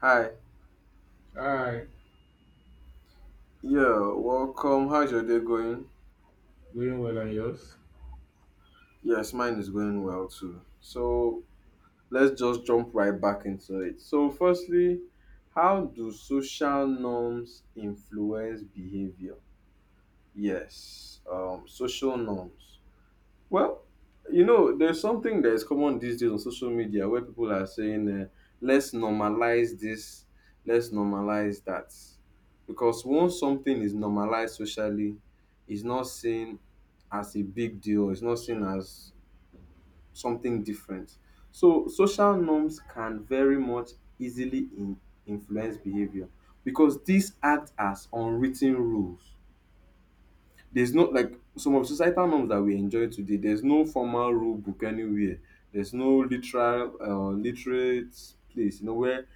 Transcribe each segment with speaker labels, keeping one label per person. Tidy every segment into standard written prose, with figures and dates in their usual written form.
Speaker 1: Hi.
Speaker 2: Hi,
Speaker 1: Yeah, welcome. How's your day going?
Speaker 2: going well and yours?
Speaker 1: Yes, mine is going well too. So let's just jump right back into it. So, firstly, how do social norms influence behavior? Yes, social norms. Well, you know, there's something that is common these days on social media where people are saying, let's normalize this, let's normalize that. Because once something is normalized socially, it's not seen as a big deal, it's not seen as something different. So, social norms can very much easily influence behavior because these act as unwritten rules. There's no like some of societal norms that we enjoy today, there's no formal rule book anywhere. There's no literal literate place, you know, where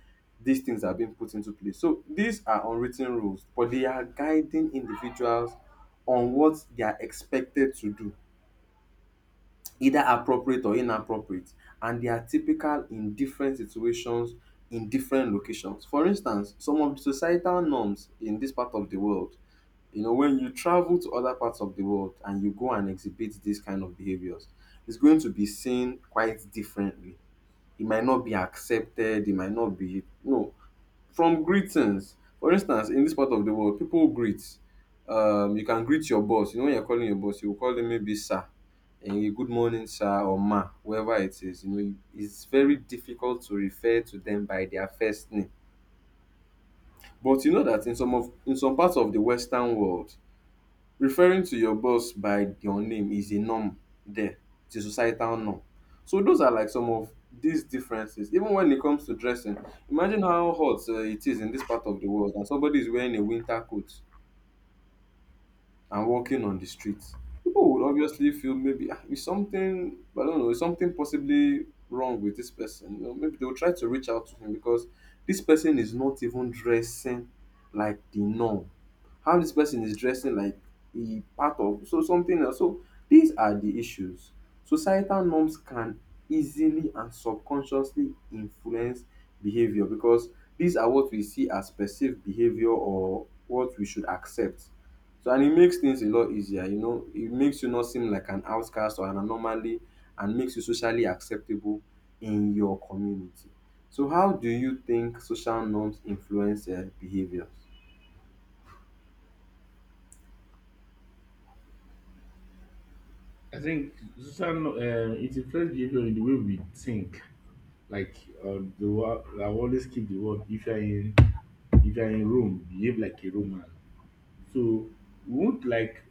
Speaker 1: these things are being put into place. So these are unwritten rules, but they are guiding individuals on what they are expected to do, either appropriate or inappropriate, and they are typical in different situations, in different locations. For instance, some of the societal norms in this part of the world, you know, when you travel to other parts of the world and you go and exhibit these kind of behaviors, it's going to be seen quite differently. It might not be accepted, it might not be, you know, from greetings. For instance, in this part of the world, people greet. You can greet your boss. You know, when you're calling your boss, you will call them maybe sir, and you good morning, sir, or ma, whoever it is. You know, it's very difficult to refer to them by their first name. But you know that in some parts of the Western world, referring to your boss by your name is a norm there. It's a societal norm. So those are like some of these differences. Even when it comes to dressing, imagine how hot it is in this part of the world and somebody is wearing a winter coat and walking on the street, people would obviously feel maybe, "Ah, is something I don't know, is something possibly wrong with this person." You know, maybe they will try to reach out to him because this person is not even dressing like the norm. How this person is dressing like he part of so something else. So these are the issues. Societal norms can easily and subconsciously influence behavior because these are what we see as perceived behavior or what we should accept. So, and it makes things a lot easier, you know. It makes you not seem like an outcast or an anomaly, and makes you socially acceptable in your community. So how do you think social norms influence behaviors?
Speaker 2: I think social no, it influences behavior in the way we think. Like the word, I always keep the word. If you're in Rome, behave like a Roman. So we won't like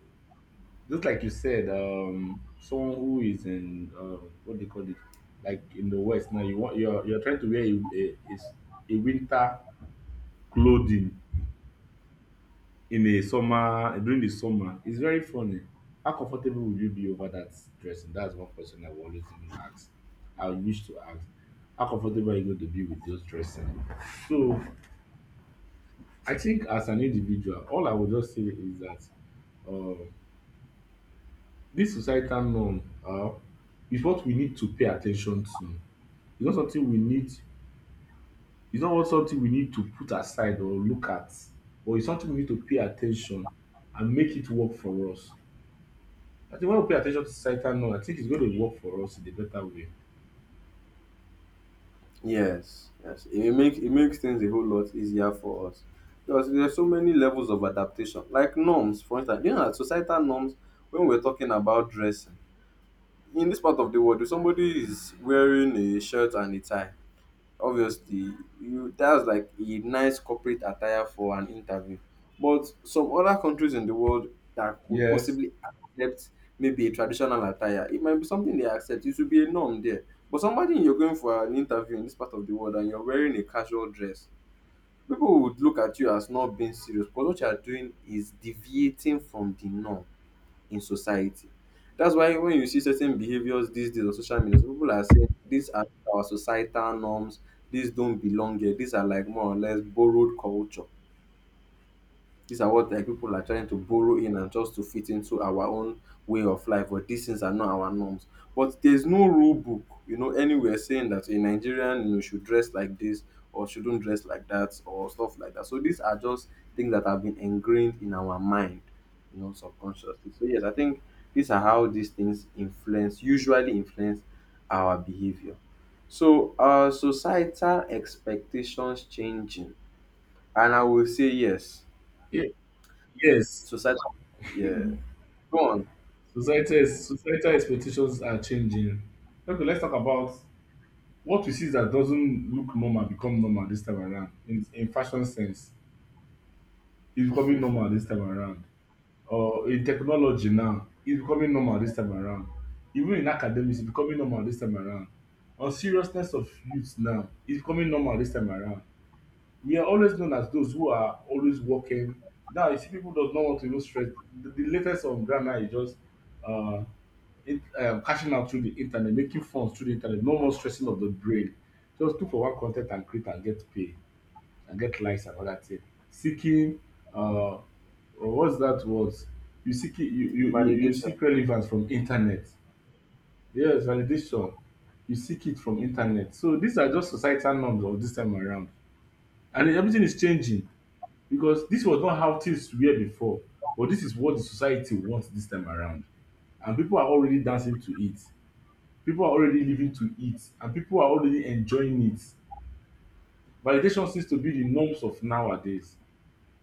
Speaker 2: just like you said, someone who is in what they call it, like in the West now. You want you're trying to wear a, a s- a winter clothing in a summer during the summer, it's very funny. How comfortable will you be over that dressing? That's one question I've always even asked. I wish to ask. How comfortable are you going to be with just dressing? So I think as an individual, all I would just say is that uh, this societal norm uh, is what we need to pay attention to. It's not something we need. It's not what something we need to put aside or look at, but it's something we need to pay attention and make it work for us. I think when we pay attention to societal norm, I think it's going to work for us in a better way.
Speaker 1: Yes, yes. It makes things a whole lot easier for us because there's so many levels of adaptation. Like norms, for instance, you know, that societal norms. When we're talking about dressing in this part of the world, if somebody is wearing a shirt and a tie, obviously you, that's like a nice corporate attire for an interview, but some other countries in the world that could
Speaker 2: Yes.
Speaker 1: possibly accept maybe a traditional attire, it might be something they accept, it should be a norm there. But somebody, you're going for an interview in this part of the world and you're wearing a casual dress, people would look at you as not being serious because what you are doing is deviating from the norm in society. That's why when you see certain behaviors these days on social media, some people are saying these are our societal norms, these don't belong here, these are like more or less borrowed culture. These are what like people are trying to borrow in and just to fit into our own way of life, but these things are not our norms. But there's no rule book, you know, anywhere saying that a Nigerian, you know, should dress like this or shouldn't dress like that or stuff like that. So these are just things that have been ingrained in our mind, you know, subconsciously. So yes, I think these are how these things influence, usually influence our behavior. So, societal expectations changing, and I will say yes.
Speaker 2: Ye- Yes.
Speaker 1: Society, yeah. Go on,
Speaker 2: Society is, societal expectations are changing. Okay, let's talk about what we see that doesn't look normal become normal this time around. In fashion sense, it's becoming normal this time around. Or in technology now, it's becoming normal this time around. Even in academics, it's becoming normal this time around. On seriousness of youth now, it's becoming normal this time around. We are always known as those who are always working. Now you see people does not want to even stress. The latest on grandma is just uh, cashing out through the internet, making funds through the internet. No more stressing of the brain. Just look for one content and create and get pay and get likes and all that thing. Seeking or what's that word? You seek it, you
Speaker 1: validation.
Speaker 2: seek relevance from internet. Yes, validation. You seek it from internet. So these are just societal norms of this time around. And everything is changing, because this was not how things were before, but this is what the society wants this time around. And people are already dancing to it. People are already living to it, and people are already enjoying it. Validation seems to be the norms of nowadays.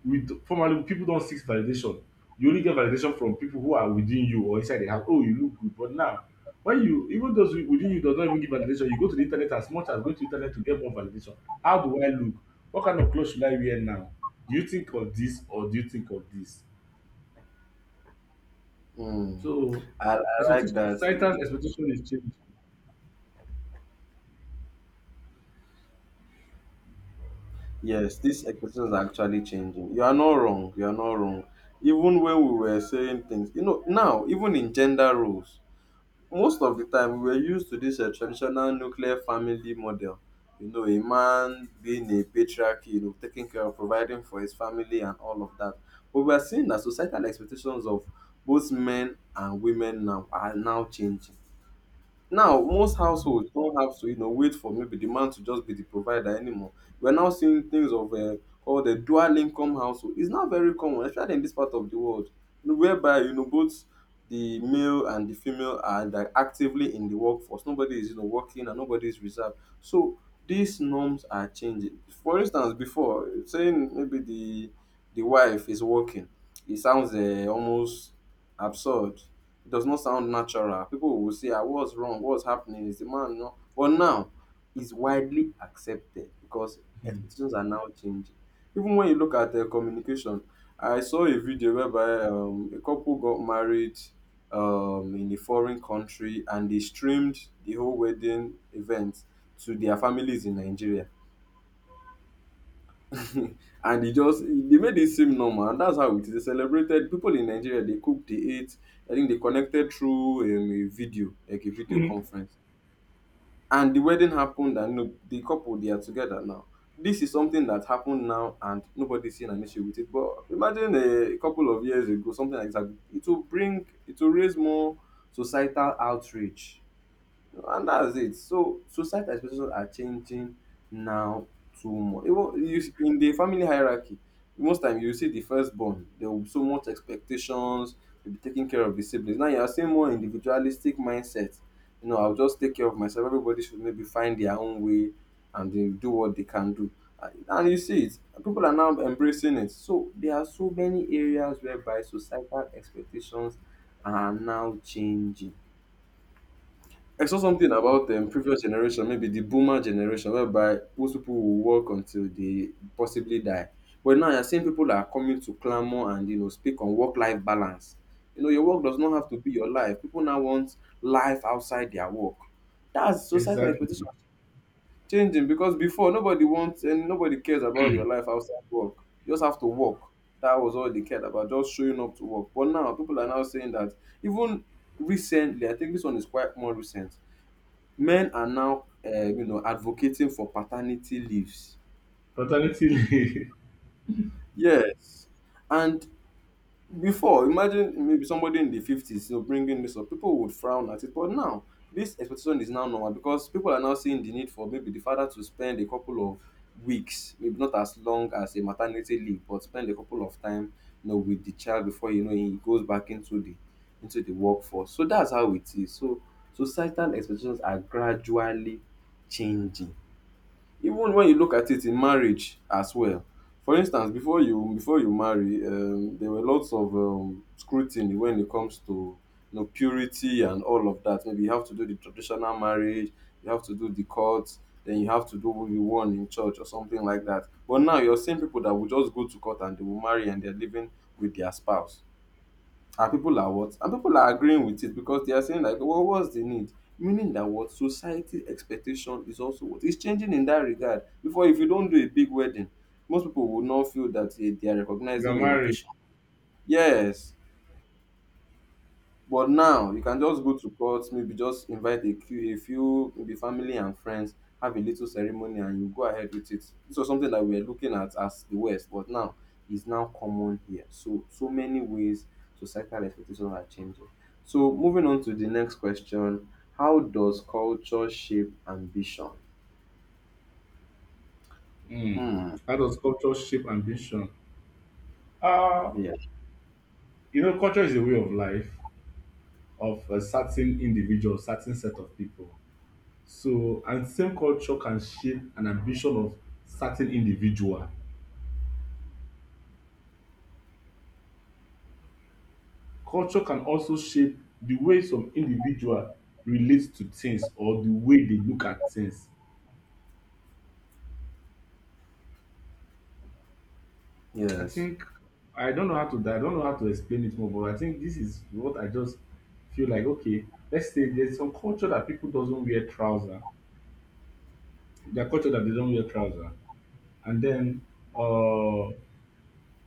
Speaker 2: We formally, people don't seek validation. You only get validation from people who are within you or inside the house. Oh, you look good. But now, when you even those within you does not even give validation, you go to the internet as much as going to the internet to get more validation. How do I look? What kind of clothes should I wear now? Do you think of this or do you think of this?
Speaker 1: Hmm.
Speaker 2: So,
Speaker 1: I like
Speaker 2: expectation,
Speaker 1: that.
Speaker 2: societal expectation is changing.
Speaker 1: Yes, these expectations are actually changing. You are not wrong. You are not wrong. Even when we were saying things, you know, now, even in gender roles, most of the time we were used to this traditional nuclear family model. You know, a man being a patriarch, you know, taking care of providing for his family and all of that. But we are seeing that societal expectations of both men and women now are now changing. Now, most households don't have to, you know, wait for maybe the man to just be the provider anymore. We're now seeing things of called the dual income household. It's not very common, especially in this part of the world, you know, whereby you know both the male and the female are like actively in the workforce. Nobody is, you know, working and nobody is reserved. So these norms are changing. For instance, before saying maybe the wife is working, it sounds almost absurd, it does not sound natural. People will say, ah, what's wrong? What's happening? Is the man not? But now, it's widely accepted because expectations are now changing. Even when you look at communication, I saw a video whereby a couple got married in a foreign country and they streamed the whole wedding event to their families in Nigeria and e just dey make it seem normal and that's how it is celebrated. Pipu in Nigeria dey cook, dey eat, I think dey connected through a video like a video
Speaker 2: Mhm.
Speaker 1: conference, and the wedding happened and you know the couple they are together now. This is something that happened now and nobody is seeing an issue with it, but imagine a couple of years ago something like this happened, it will bring, it will raise more societal outrage. No, and that's it. So societal expectations are changing now too much. Even you, in the family hierarchy, most time you see the firstborn, there will be so much expectations, you'll be taking care of the siblings. Now you are seeing more individualistic mindset. You know, I'll just take care of myself. Everybody should maybe find their own way and they do what they can do. And you see it. People are now embracing it. So there are so many areas whereby societal expectations are now changing. I saw something
Speaker 2: Mm.
Speaker 1: about previous generation, maybe the boomer generation, whereby most people will work until they possibly die. But now you're seeing people that are coming to clamor and you know speak on work-life balance. You know, your work does not have to be your life. People now want life outside their work. That's societal expectation
Speaker 2: Exactly.
Speaker 1: changing because before nobody wants and nobody cares about your life outside work. You just have to work. That was all they cared about, just showing up to work. But now people are now saying that, even recently, I think this one is quite more recent, men are now you know, advocating for paternity leaves,
Speaker 2: Alternatively,
Speaker 1: yes, and before, imagine maybe somebody in the 50s, you know, bringing this up, people would frown at it, but now this expectation is now normal because people are now seeing the need for maybe the father to spend a couple of weeks, maybe not as long as a maternity leave, but spend a couple of time, you know, with the child before, you know, he goes back into the workforce. So that's how it is. So societal expectations are gradually changing. Even when you look at it in marriage as well. For instance, before you marry, there were lots of scrutiny when it comes to, you know, purity and all of that. Maybe you have to do the traditional marriage, you have to do the court, then you have to do what you want in church or something like that. But now you're seeing people that will just go to court and they will marry and they're living with their spouse. And people are what? And people are agreeing with it because they are saying like, well, what's the need? Meaning that what society expectation is also what is changing in that regard. Before, if you don't do a big wedding, most people would not feel that eh, they are
Speaker 2: you are
Speaker 1: recognizing your
Speaker 2: married.
Speaker 1: occasion. Yes, but now you can just go to court, maybe just invite a few, maybe family and friends, have a little ceremony, and you go ahead with it. This was something that we were looking at as the West, but now is now common here. So many ways societal expectations are changing. So moving on to the next question, how does culture shape ambition?
Speaker 2: Mm.
Speaker 1: Hmm.
Speaker 2: How does culture shape ambition? Uh,
Speaker 1: Yeah.
Speaker 2: you know, culture is a way of life of a certain individual, certain set of people. So, and same culture can shape an ambition of certain individual. Culture can also shape the way some individual relates to things or the way they look at things. I
Speaker 1: Yes.
Speaker 2: think I don't know how to I don't know how to explain it more, but I think this is what I just feel like. Okay, let's say there's some culture that people doesn't wear trouser. Their culture that they don't wear trouser, and then uh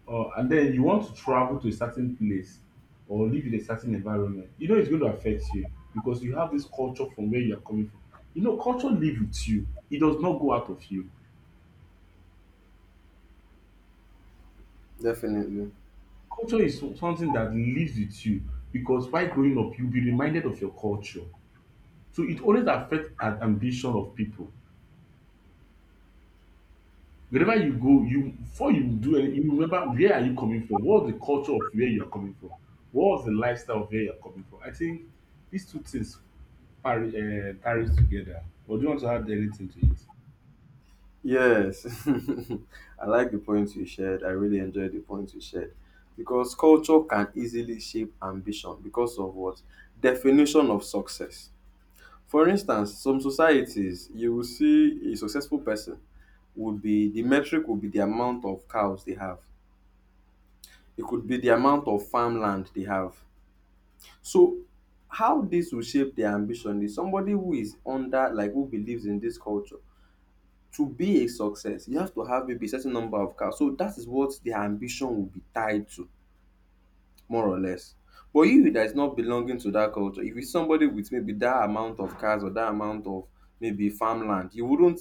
Speaker 2: and then you want to travel to a certain place or live in a certain environment, you know it's going to affect you because you have this culture from where you are coming from. You know, culture lives with you. It does not go out of you.
Speaker 1: Definitely.
Speaker 2: Culture is something that lives with you because while growing up, you'll be reminded of your culture. So it always affects an ambition of people. Wherever you go, you before you do anything, you remember, where are you coming from? What was the culture of where you are coming from? What was the lifestyle of where you are coming from? I think these two things Paris, Paris together. Or do you want to add anything to it?
Speaker 1: Yes, I like the points you shared. I really enjoyed the points you shared because culture can easily shape ambition because of what definition of success. For instance, some societies you will see a successful person would be the metric would be the amount of cows they have. It could be the amount of farmland they have. So how this will shape their ambition is somebody who is under like who believes in this culture to be a success, you have to have maybe a certain number of cars. So that is what their ambition will be tied to, more or less. But you that is not belonging to that culture, if it's somebody with maybe that amount of cars or that amount of maybe farmland, you wouldn't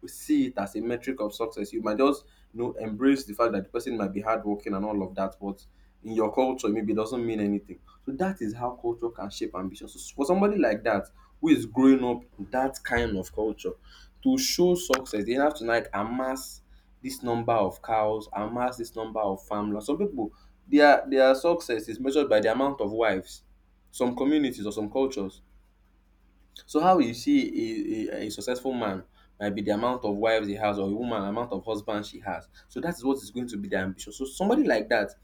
Speaker 1: we see it as a metric of success. You might just embrace the fact that the person might be hardworking and all of that, but in your culture, maybe it doesn't mean anything. So that is how culture can shape ambition. So for somebody like that who is growing up in that kind of culture, to show success, they have to like amass this number of cows, amass this number of farmlands. Some people their success is measured by the amount of wives. Some communities or some cultures so how you see a successful man might be the amount of wives he has or a woman amount of husbands she has. So that is what is going to be their ambition. So somebody like that,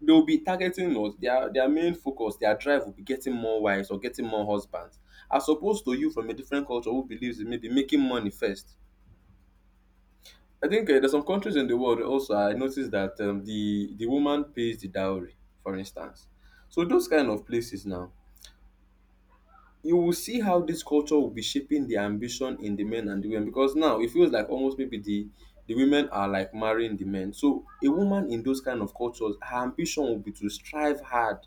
Speaker 1: they will be targeting us. Their main focus, their drive will be getting more wives or getting more husbands. As opposed to you from a different culture who believes in maybe making money first. I think there's some countries in the world also I noticed that the woman pays the dowry, for instance. So those kind of places now, you will see how dis culture will be shaping the ambition in the men and the women because now it feels like almost maybe the women are like marrying the men. So a woman in those kind of cultures her ambition will be to strive hard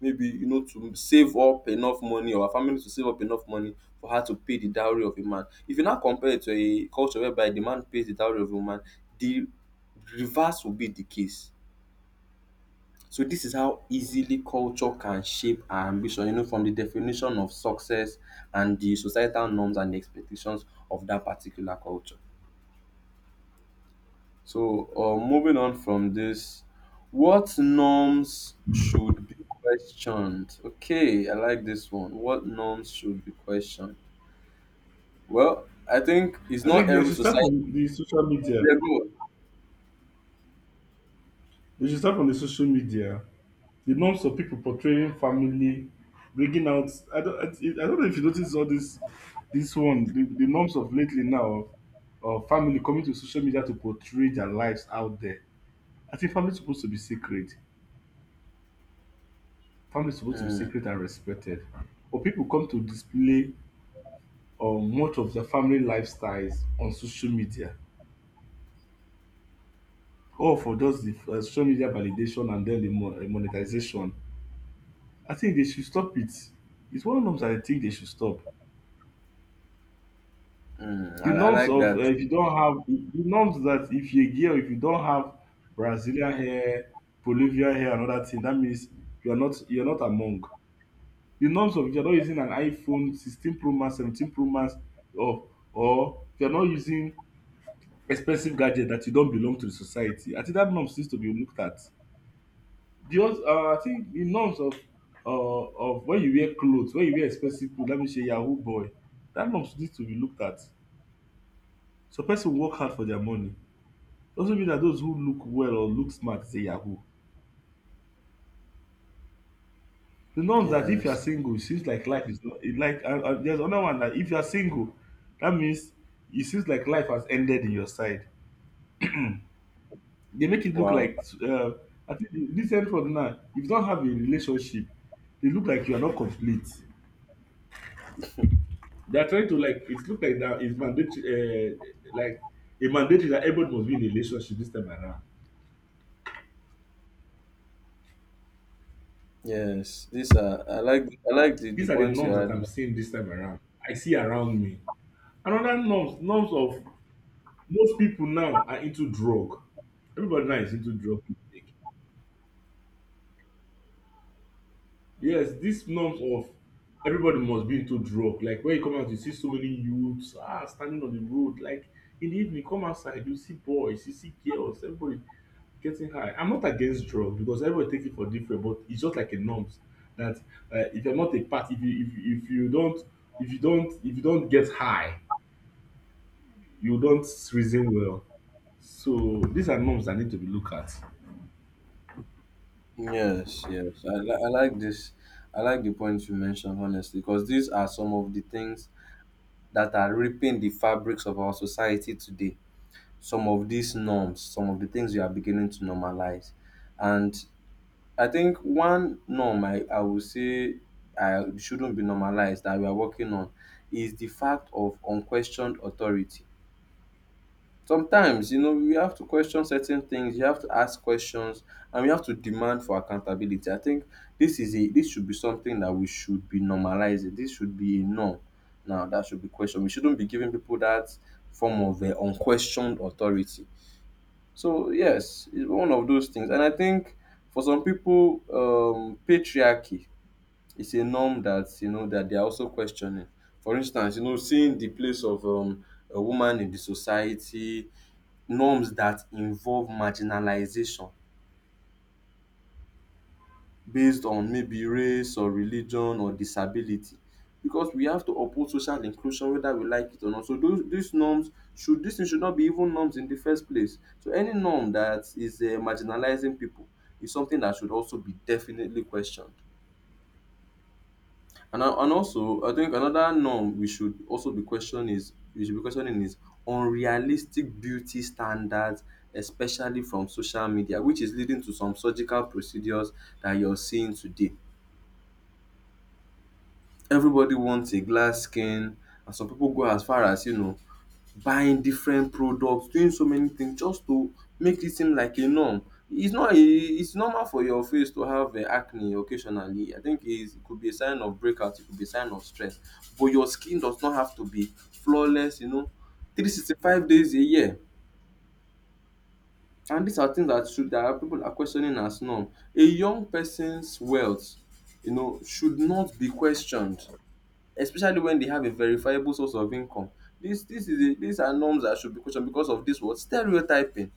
Speaker 1: maybe to save up enough money or her family to save up enough money for her to pay the dowry of a man. If you now compare it to a culture whereby the man pays the dowry of a woman the reverse will be the case. So this is how easily culture can shape our ambition, from the definition of success and the societal norms and expectations of that particular culture. So moving on from this, what norms should be questioned? Okay, I like this one. What norms should be questioned? Well, I think it's
Speaker 2: I
Speaker 1: not
Speaker 2: think they
Speaker 1: every
Speaker 2: should start
Speaker 1: society.
Speaker 2: from the social media.
Speaker 1: Yeah, go.
Speaker 2: They should start from the social media. The norms of people portraying family, bringing out. I don't. I don't know if you notice all this. This one, the norms of lately now of family coming to social media to portray their lives out there. I think family is supposed to be secret. Family is supposed to be
Speaker 1: Mm.
Speaker 2: secret and respected. But people come to display much of their family lifestyles on social media all for just the social media validation and then the monetization. I think they should stop it. It's one of the norms that I think they should stop.
Speaker 1: Mm.
Speaker 2: The
Speaker 1: I
Speaker 2: norms
Speaker 1: like
Speaker 2: of
Speaker 1: that.
Speaker 2: if you don't have the norms that if you're a girl, if you don't have Brazilian hair, Bolivian hair, another thing, that means you are not you're not among. The norms of if you're not using an iPhone 16 Pro Max, 17 Pro Max, or or if you're not using expensive gadget that you don't belong to the society. I think that norms needs to be looked at. The hus I think the norms of when you wear cloth when you wear expensive cloth dat means you're a yahoo boy. Dat norms need to be looked at. Some person work hard for their money. Doesn't mean that those who look well or look smart is a yahoo. The norms that if you
Speaker 1: Yes.
Speaker 2: are single it seems like life is not it like and there's another one that if you are single dat means it seems like life has ended in your side. They make it look
Speaker 1: Wow.
Speaker 2: like I think the recent one now, if you don have a relationship, e look like you are not complete. They are trying to like it looked like that it's mandatory, like a mandatory that everybody must be in a relationship this time around.
Speaker 1: Yes. This I like the the
Speaker 2: These are the
Speaker 1: points you
Speaker 2: norms that I'm
Speaker 1: had.
Speaker 2: seeing this time around. I see around me. Another norms, norms of most people now are into drug. Everybody now is into drug intake. Yes, these norms of everybody must be into drug. Like when you come out, you see so many youths standing on the road. Like in the evening, come outside, you see boys, you see girls, everybody getting high. I'm not against drugs because everybody takes it for different, but it's just like a norms that if you're not a part, if you don't if you don't if you don't get high, you don't reason well. So these are norms that need to be looked at.
Speaker 1: Yes, yes. I like this. I like the points you mentioned, honestly, because these are some of the things that are ripping the fabrics of our society today. Some of these norms, some of the things we are beginning to normalize. And I think one norm I would say I shouldn't be normalized that we are working on is the fact of unquestioned authority. Sometimes, we have to question certain things, you have to ask questions, and we have to demand for accountability. I think this is a this should be something that we should be normalizing. This should be a norm. Now that should be questioned. We shouldn't be giving people that form of unquestioned authority. So yes, it's one of those things. And I think for some people, patriarchy is a norm that you know that they are also questioning. For instance, seeing the place of a woman in the society, norms that involve marginalization based on maybe race or religion or disability because we have to uphold social inclusion whether we like it or not. So those these norms should this thing should not be even norms in the first place. So any norm that is marginalizing people is something that should also be definitely questioned. And also, I think another norm we should also be questioning is unrealistic beauty standards, especially from social media, which is leading to some surgical procedures that you're seeing today. Everybody wants a glass skin, and some people go as far as buying different products, doing so many things just to make it seem like a norm. It's not a It's normal for your face to have acne occasionally. I think is It could be a sign of breakout, it could be a sign of stress, but your skin does not have to be flawless, 365 days a year. And these are things that should that people are questioning as norm. A young person's wealth should not be questioned, especially when they have a verifiable source of income. This is a These are norms that should be questioned because of this what stereotyping.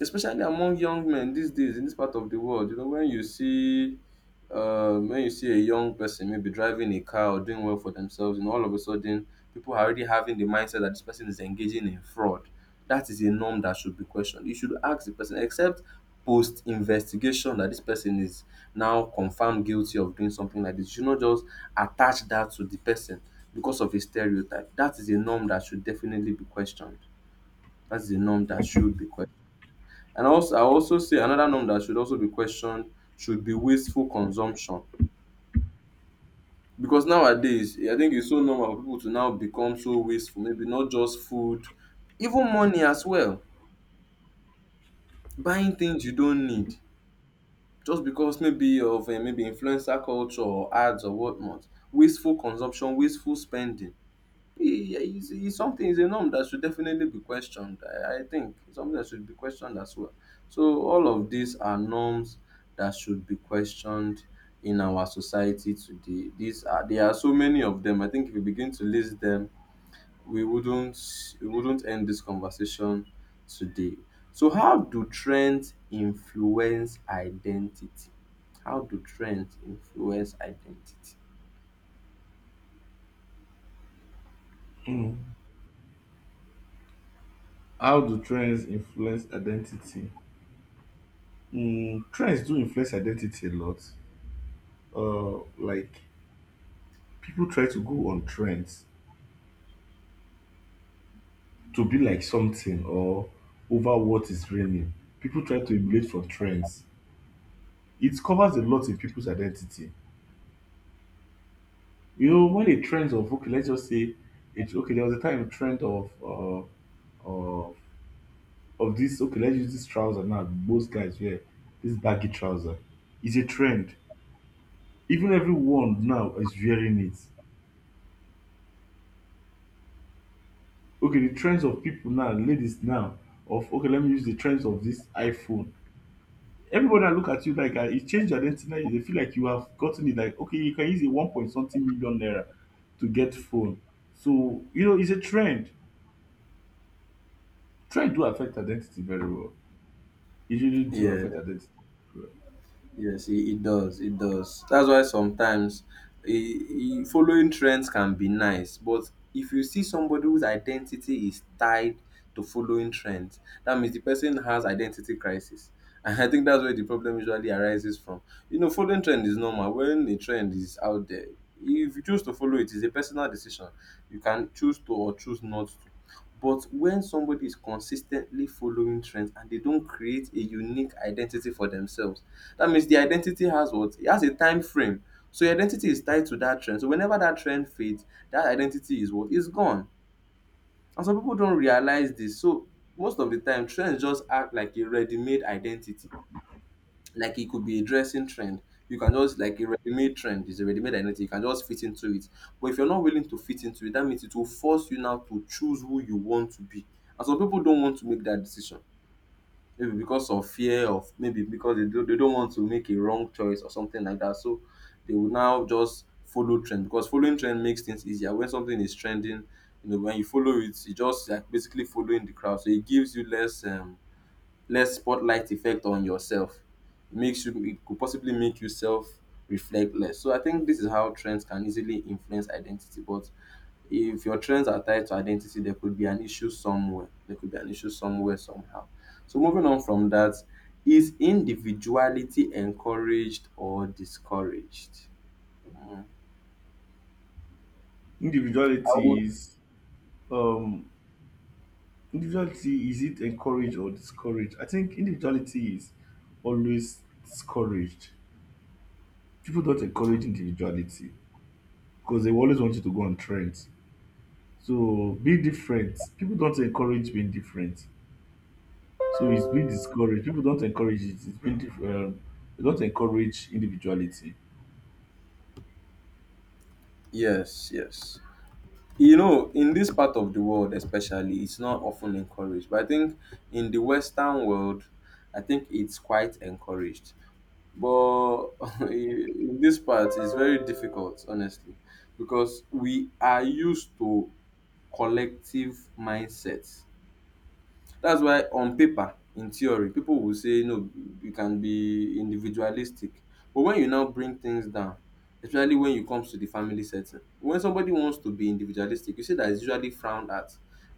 Speaker 1: Especially among young men these days in this part of the world, when you see a young person maybe driving a car or doing well for themselves, and all of a sudden people are already having the mindset that this person is engaging in fraud. That is a norm that should be questioned. You should ask the person, except post investigation, that this person is now confirmed guilty of doing something like this. You should not just attach that to the person because of a stereotype. That is a norm that should definitely be questioned. That is a norm that should be questioned. And also, I also say another norm that should also be questioned should be wasteful consumption. Because nowadays, I think it's so normal for people to now become so wasteful, maybe not just food, even money as well. Buying things you don't need just because maybe of maybe influencer culture or ads or whatnot. Wasteful consumption, wasteful spending. Yeah, it's something, it's a norm that should definitely be questioned. I think it's something that should be questioned as well. So, all of these are norms that should be questioned in our society today. These are There are so many of them. I think if we begin to list them, we wouldn't we wouldn't end this conversation today. So, how do trends influence identity? How do trends influence identity?
Speaker 2: Mm. How do trends influence identity? Mm, trends do influence identity a lot. Like people try to go on trends to be like something or over what is reigning. People try to emulate from trends, it covers a lot in people's identity. You know, when a trend of, okay, let's just say it, okay, there was a time a trend of of this, okay, let's use this trouser now. Most guys wear this baggy trouser. It's a trend. Even everyone now is wearing it. Okay, the trends of people now, ladies now, of okay, let me use the trends of this iPhone. Everybody that look at you like it changed your identity now. They feel like you have gotten it. Like okay, you can use a one point something million naira to get phone. So you know, it's a trend. Try do affect identity very well. It really do
Speaker 1: Yeah.
Speaker 2: affect identity. Very well.
Speaker 1: Yes, it does. It does. That's why sometimes I following trends can be nice, but if you see somebody whose identity is tied to following trends, that means the person has identity crisis. And I think that's where the problem usually arises from. Following trend is normal. When a trend is out there, if you choose to follow it, it's a personal decision. You can choose to or choose not to. But when somebody is consistently following trends and they don't create a unique identity for themselves, that means the identity has what? It has a time frame. So your identity is tied to that trend. So whenever that trend fades, that identity is what? Is gone. And some people don't realize this. So most of the time, trends just act like a ready-made identity, like it could be a dressing trend. You can just like a ready-made trend is a ready-made identity you can just fit into it. But if you're not willing to fit into it, that means it will force you now to choose who you want to be. And some people don't want to make that decision, maybe because of fear of maybe because they don't want to make a wrong choice or something like that. So they will now just follow trend because following trend makes things easier. When something is trending when you follow it you just like basically following the crowd, so it gives you less less spotlight effect on yourself. It could possibly make you self reflect less. So I think this is how trends can easily influence identity. But if your trends are tied to identity, there could be an issue somewhere. There could be an issue somewhere somehow. So moving on from that, is individuality encouraged or discouraged? Mm. I would.
Speaker 2: Individuality is um individuality is it encouraged or discouraged? I think individuality is always discouraged. People don't encourage individuality because they always want you to go on trends. So be different. People don't encourage being different. So it's being discouraged. People don't encourage it. It's been they don't encourage individuality.
Speaker 1: Yes, yes. In this part of the world especially it's not often encouraged, but I think in the western world I think it's quite encouraged, but in this part it's very difficult, honestly, because we are used to collective mindsets. That's why on paper, in theory, people will say no, you can be individualistic. But when you now bring things down, especially when it comes to the family setting, when somebody wants to be individualistic, you see that it's usually frowned at.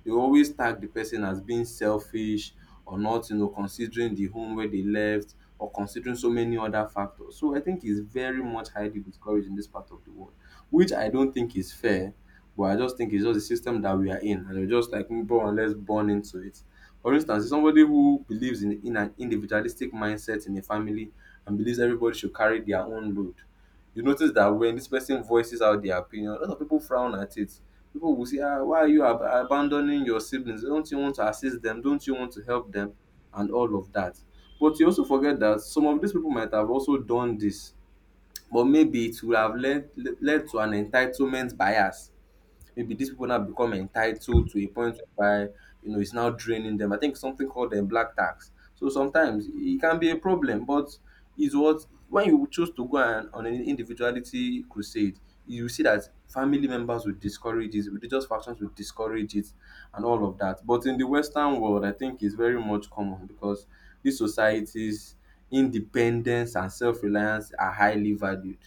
Speaker 1: They always tag the person as being selfish or not, you know, considering the home where they left or considering so many other factors. So I think it's very much highly discouraged in this part of the world, which I don't think is fair. But I just think it's just the system that we are in, and we're just like, "Mm, bro, let's born into it." For instance, somebody who believes in an individualistic mindset in a family and believes everybody should carry their own load, you notice that when this person voices out their opinion, a lot of people frown at it. People will say, ah, why are you abandoning your siblings? Don't you want to assist them? Don't you want to help them? And all of that. But you also forget that some of these people might have also done this, but maybe it would have led to an entitlement bias. Maybe these people now become entitled to a point whereby, you know, it's now draining them. I think something called the black tax. So sometimes it can be a problem, but is what when you choose to go and, on an individuality crusade, you see that family members will discourage it, religious factions will discourage it, and all of that. But in the Western world, I think it's very much common because these societies, independence and self-reliance are highly valued,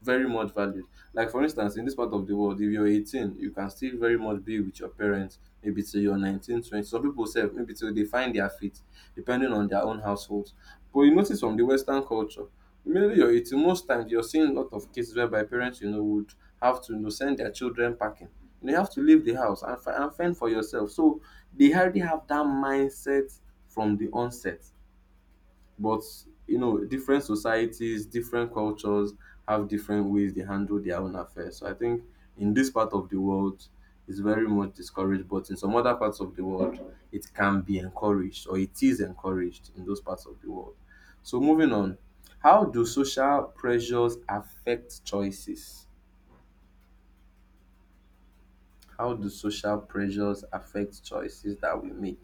Speaker 1: very much valued. Like for instance, in this part of the world, if you're 18, you can still very much be with your parents, maybe till you're 19, 20. Some people say maybe till they find their feet, depending on their own households. But you notice from the Western culture, immediately you're 18, most times you're seeing a lot of cases whereby parents, you know, would have to, you know, send their children packing. You have to leave the house and, and fend for yourself. So they already have that mindset from the onset, but you know, different societies, different cultures have different ways they handle their own affairs. So I think in this part of the world, it's very much discouraged, but in some other parts of the world, it can be encouraged, or it is encouraged in those parts of the world. So moving on, how do social pressures affect choices? How do social pressures affect choices that we make?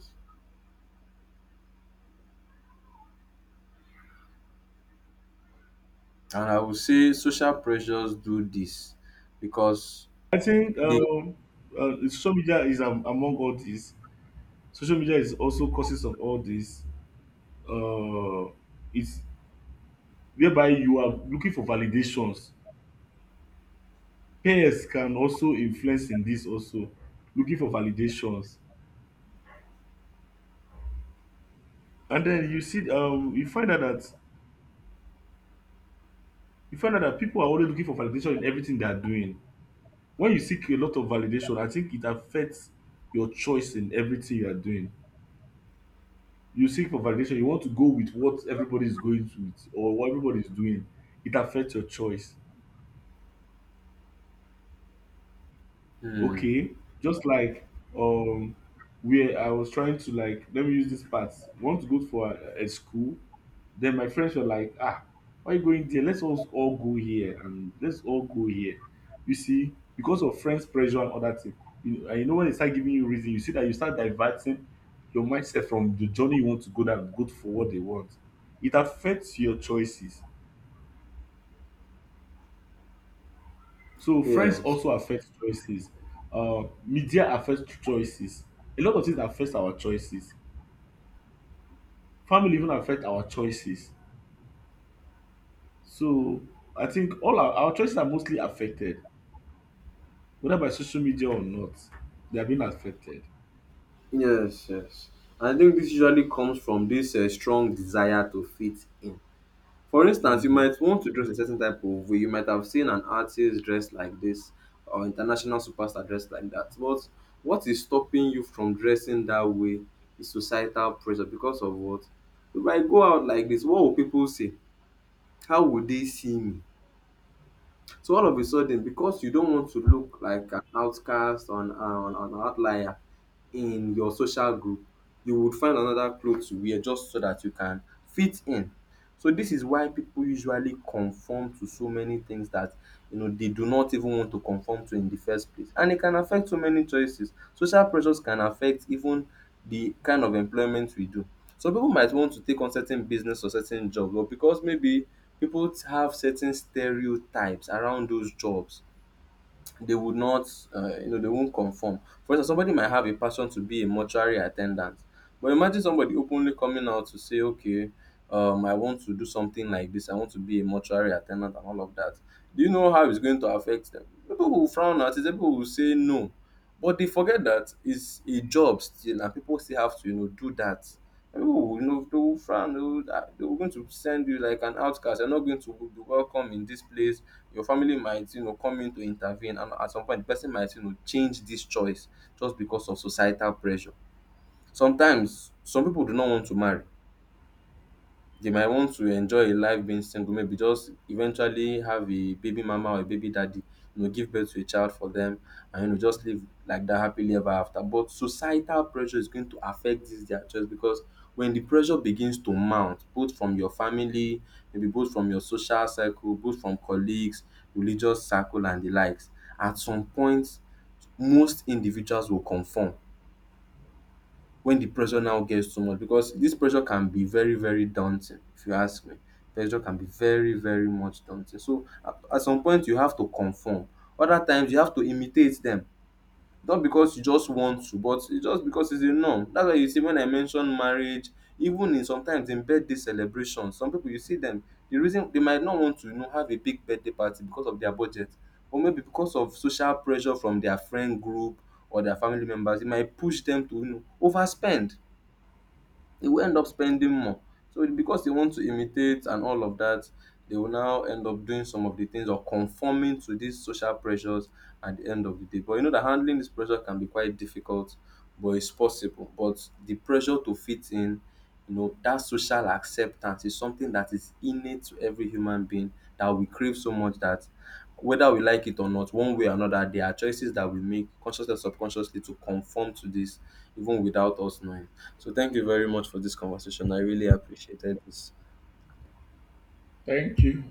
Speaker 1: And I would say social pressures do this because
Speaker 2: I think
Speaker 1: they,
Speaker 2: social media is among all these. Social media is also causes of all this uh, is whereby you are looking for validations. Peers can also influence in this also looking for validations, and then you see you find out that people are always looking for validation in everything they are doing. When you seek a lot of validation, I think it affects your choice in everything you are doing. You seek for validation, you want to go with what everybody is going to with or what everybody is doing. It affects your choice.
Speaker 1: hmm,
Speaker 2: Okay, just like um where I was trying to, like, let me use this part, want to go for a school, then my friends were like, ah, why you going there, let's all go here and let's all go here. You see, because of friends pressure and other things, and you know, when they start giving you reason, you see that you start diverting your mindset from the journey you want to go down, go for what they want. It affects your choices. So friends
Speaker 1: yes.
Speaker 2: also affect choices. Media affects choices. A lot of things affect our choices. Family even affect our choices. So I think all our choices are mostly affected, whether by social media or not. They are being affected.
Speaker 1: Yes, yes. I think this usually comes from this strong desire to fit in. For instance, you
Speaker 2: Hmm.
Speaker 1: might want to dress a certain type of way. You might have seen an artist dressed like this, or international superstar dressed like that. But what is stopping you from dressing that way is societal pressure because of what? If I go out like this, what will people say? How will they see me? So all of a sudden, because you don't want to look like an outcast or an outlier in your social group, you would find another cloth to wear just so that you can fit in. So this is why people usually conform to so many things that, you know, they do not even want to conform to in the first place. And it can affect so many choices. Social pressures can affect even the kind of employment we do. Some people might want to take on certain business or certain jobs, but because maybe people have certain stereotypes around those jobs, they would not, you know, they won't conform. For instance, somebody might have a passion to be a mortuary attendant, but imagine somebody openly coming out to say, okay, I want to do something like this, I want to be a mortuary attendant and all of that. Do you know how it's going to affect them? People will frown at it, people will say no, but they forget that it's a job still and people still have to, you know, do that. And people will, you know, they will frown, they will going to send you like an outcast, you're not going to be welcome in this place. Your family might, you know, come in to intervene, and at some point the person might, you know, change this choice just because of societal pressure. Sometimes some people do not want to marry. They might want to enjoy a life being single, maybe just eventually have a baby mama or a baby daddy, you know, give birth to a child for them and, you know, just live like that happily ever after. But societal pressure is going to affect this their choice because when the pressure begins to mount, both from your family, maybe both from your social circle, both from colleagues, religious circle and the likes, at some point most individuals will conform when the pressure now gets too much, because this pressure can be very very daunting if you ask me. Pressure can be very very much daunting, so at some point you have to conform. Other times you have to imitate them, not because you just want to, but it's just because it's a norm. That's why you see when I mention marriage, even in sometimes in birthday celebrations, some people you see them, the reason they might not want to, you know, have a big birthday party because of their budget or maybe because of social pressure from their friend group or their family members, it might push them to, you know, overspend. They will end up spending more. So because they want to imitate and all of that, they will now end up doing some of the things or conforming to these social pressures at the end of the day. But you know that handling this pressure can be quite difficult, but it's possible. But the pressure to fit in, you know, that social acceptance is something that is innate to every human being that we crave so much that whether we like it or not, one way or another, there are choices that we make consciously or subconsciously to conform to this, even without us knowing. So thank you very much for this conversation. I really appreciated this.
Speaker 2: Thank you.